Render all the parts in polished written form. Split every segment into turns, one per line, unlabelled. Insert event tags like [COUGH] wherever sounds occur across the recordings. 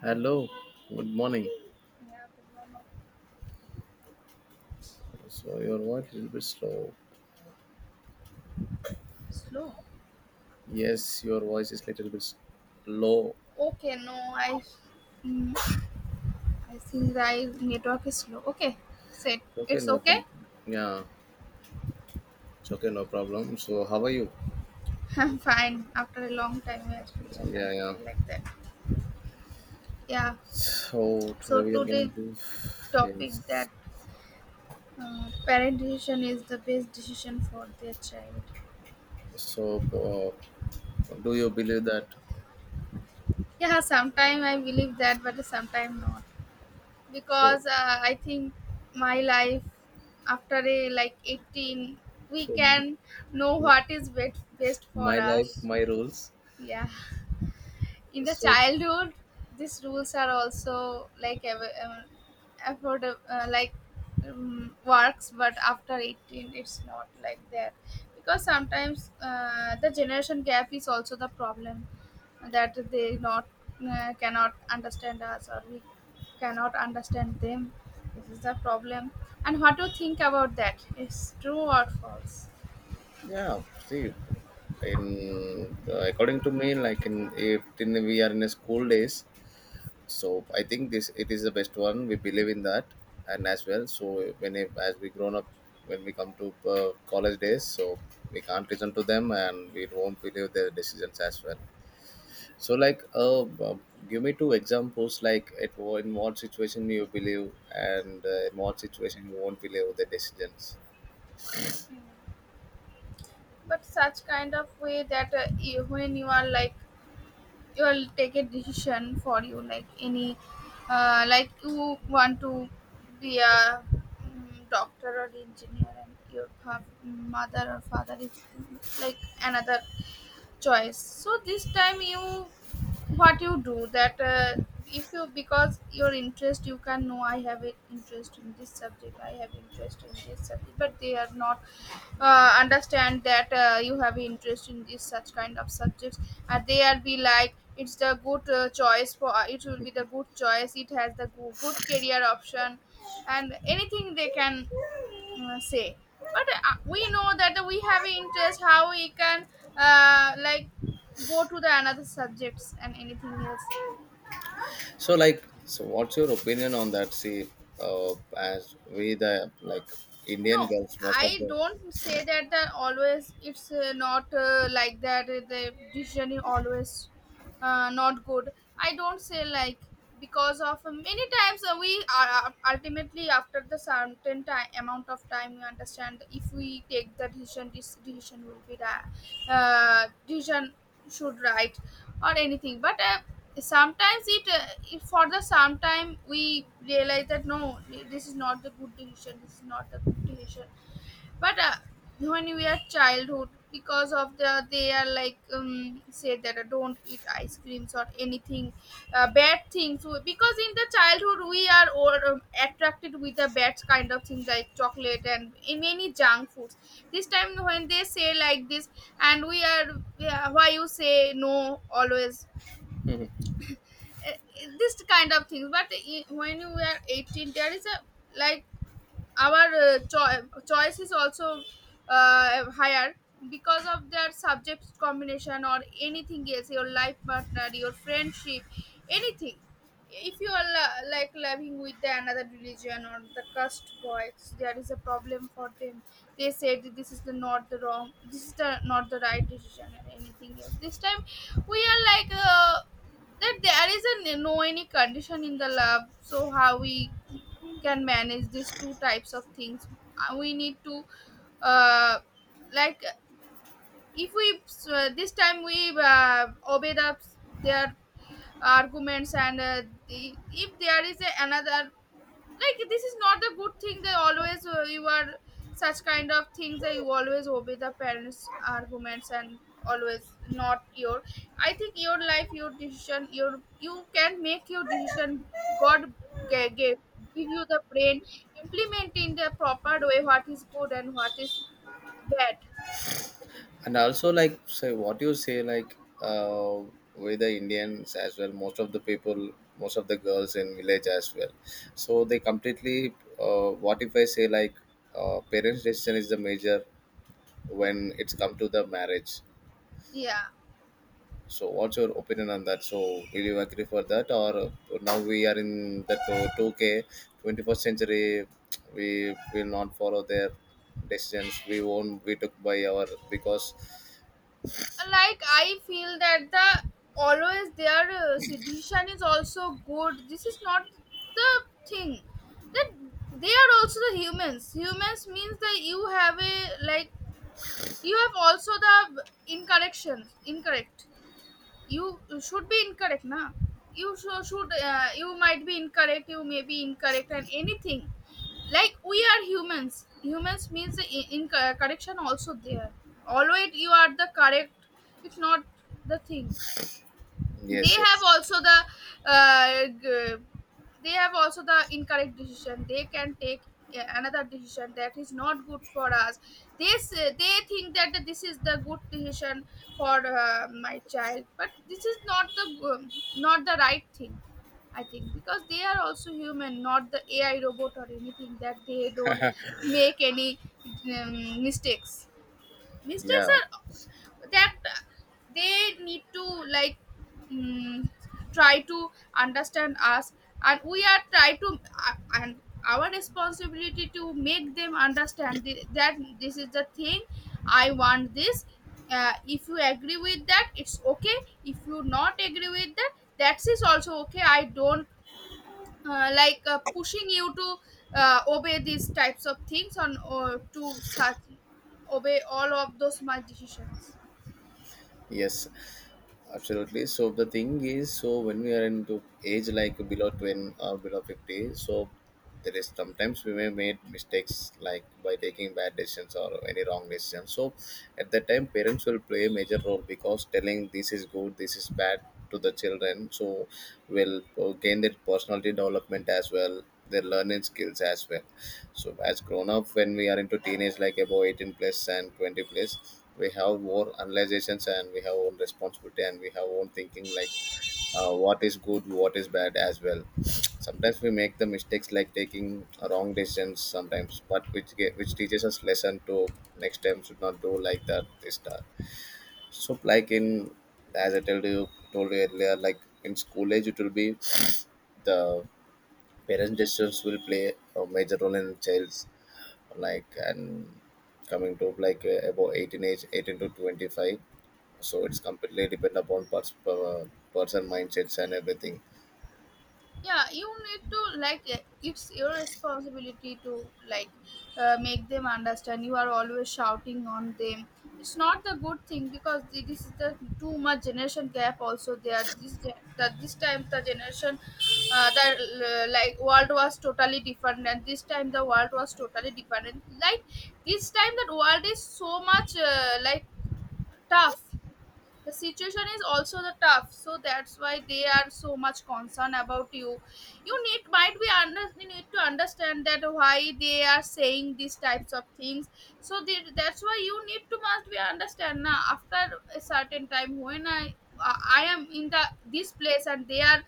Hello, good morning.
Yeah, everyone
So your voice is a little bit slow.
is slow.
Yes, your voice is a little bit low.
Okay, no, mm, I think the network is slow. Okay, set.
Okay,
It's
no problem.
okay.
Yeah, it's okay, no problem. So how are you?
[LAUGHS] I'm fine. After a long time, we are still
Yeah, yeah.
connected like that. Yeah.
So today
So
we are going
today
to,
topic
yes.
that parent decision is the best decision for their child.
So uh, do you believe that?
Yeah, sometimes I believe that, but sometimes not.
So,
Because I think my life after a like 18 we
so
can know what is best for
my life,
us.
my rules.
Yeah, in the
So
childhood these rules are also like afford like works, but after 18 it's not like that, because sometimes the generation gap is also the problem, that they not cannot understand us or we cannot understand them. This is the problem, and what to think about that is true or false.
yeah, see, in according to me, like in if in we are in a school days. So I think this it is the best one we believe in that and as well. So when it, as we grown up, when we come to college days, so we can't listen to them and we won't believe their decisions as well. So like give me two examples like at in what situation you believe and in what situation you won't believe the decisions.
But such kind of way that you, when you are like, you will take a decision for you, like any like you want to be a doctor or engineer, and your mother or father is like another choice. So this time you, what you do, that if you, because your interest, you can know I have an interest in this subject, I have interest in this subject, but they are not understand that you have interest in this such kind of subjects. And they are be like it's the good choice for it will be the good choice, it has the good career option, and anything they can say. But we know that we have interest, how we can like go to the another subjects and anything else.
So like, so what's your opinion on that? See, as we the like
No,
Indian girls most of
I
the
don't say that that always it's not like that the decision is always not good. I don't say like, because of many times we are ultimately after the certain time, amount of time, we understand if we take the decision, this decision will be right, decision should right or anything. But sometimes it, it for the sometime we realize that no, this is not the good decision, this is not the good decision. But when we are childhood, because of the, they are like say that don't eat ice creams or anything bad things. Because in the childhood we are all, attracted with the bad kind of thing, like chocolate and in many junk foods. This time when they say like this, and we are, yeah, why you say no always,
[LAUGHS]
uh, this kind of things. But when you are 18 there is a like our choice is also higher, because of their subject combination or anything else, your life partner, your friendship, anything. If you are like living with the another religion or the caste boys, there is a problem for them. They said that this is the not the wrong, this is the not the right decision or anything else. This time we are like that there is a no any condition in the love, so how we can manage these two types of things. We need to uh, like, if we this time we obey the their arguments, and the, if there is a, another like, this is not the good thing, they always you are such kind of things that you always obey the parents arguments, and always not your, I think your life, your decision, your, you can make your decision. God gave give you the brain, implement in the proper way what is good and what is bad.
and also like, say what you say like uh with the Indians as well, most of the people, most of the girls in village as well, so they completely, what if I say like parents decision is the major when it's come to the marriage.
Yeah,
So what's your opinion on that? So will you agree for that, or now we are in the 2K 21st century, we will not follow their decisions, we won't be took by our because
like I feel that the always their sedition is also good, this is not the thing that, they are also the humans, humans means that you have a like, you have also the incorrections, incorrect, you should be incorrect now, you should you might be incorrect, you may be incorrect and anything, like we are humans, humans means the in correction also there, always you are the correct, it's not the thing. They
yes,
have
yes,
also the uh, g- they have also the incorrect decision, they can take another decision that is not good for us, this they think that this is the good decision for my child, but this is not the um, not the right thing, I think, because they are also human, not the AI robot or anything that they don't make any mistakes. Mistakes
yeah.
are that they need to like, mm, try to understand us, and we are try to and our responsibility to make them understand that this is the thing, I want this. If you agree with that it's okay, if you not agree with that, that is also okay. I don't like pushing you to obey these types of things on, or to such obey all of those smart decisions.
Yes, absolutely. So the thing is, so when we are into age like below 20 or below 50, so there is sometimes we may made mistakes like by taking bad decisions or any wrong decisions. So at that time, parents will play a major role because telling this is good, this is bad to the children. So will gain their personality development as well, their learning skills as well. So as grown up when we are into teenage like above 18 plus and 20 plus, we have more analyzations and we have own responsibility and we have own thinking like, what is good what is bad as well. [SNIFFS] Sometimes we make the mistakes like taking wrong decisions sometimes, but which teaches us lesson to next time should not do like that this time. So like in, as I told you earlier, like in school age it will be the parents' decisions will play a major role in child's, like, and coming to like about 18 age 18 to 25, so it's completely depend upon per person mindsets and everything.
Yeah, you need to like eh, it's your responsibility to like make them understand, you are always shouting on them, it's not the good thing, because this is the too much generation gap also there. This that this time the generation the like world was totally different, and this time the world was totally different, like this time that world is so much like tough, the situation is also the tough, so that's why they are so much concerned about you. You need might be under, you need to understand that why they are saying these types of things, so they, that's why you need to must be understand. Now after a certain time, when I am in the this place, and they are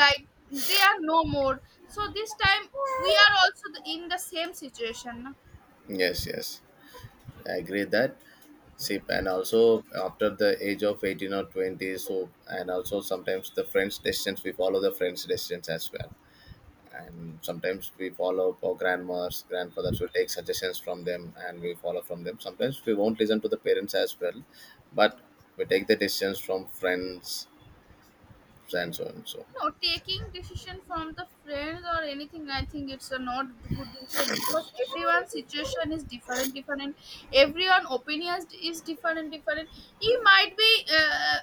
like, they are no more, so this time we are also in the same situation.
Yes, yes, I agree that. See, and also after the age of 18 or 20, so and also sometimes the friends decisions, we follow the friends decisions as well. And sometimes we follow our grandmas grandfathers, we take suggestions from them and we follow from them, sometimes we won't listen to the parents as well, but we take the decisions from friends and so on. So,
No, taking decision from the friends or anything, I think it's a not good decision, because everyone's situation is different, different. Everyone opinions is different, different. You might be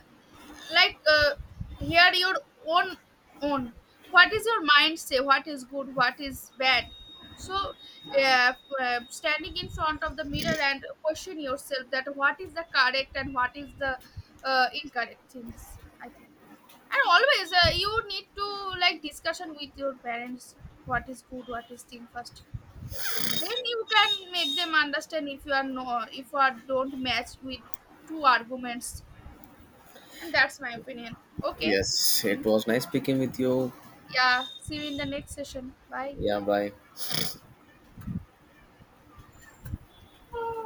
like hear your own own. What is your mind say? What is good? What is bad? So, uh, standing in front of the mirror and question yourself that what is the correct and what is the incorrect things, I think. And always you need to like discussion with your parents, what is good, what is thing first, then you can make them understand. If you are no, if you are don't match with two arguments, and that's my opinion. Okay,
yes, it
and
was nice speaking with you.
yeah, see you in the next session. Bye.
Yeah, bye.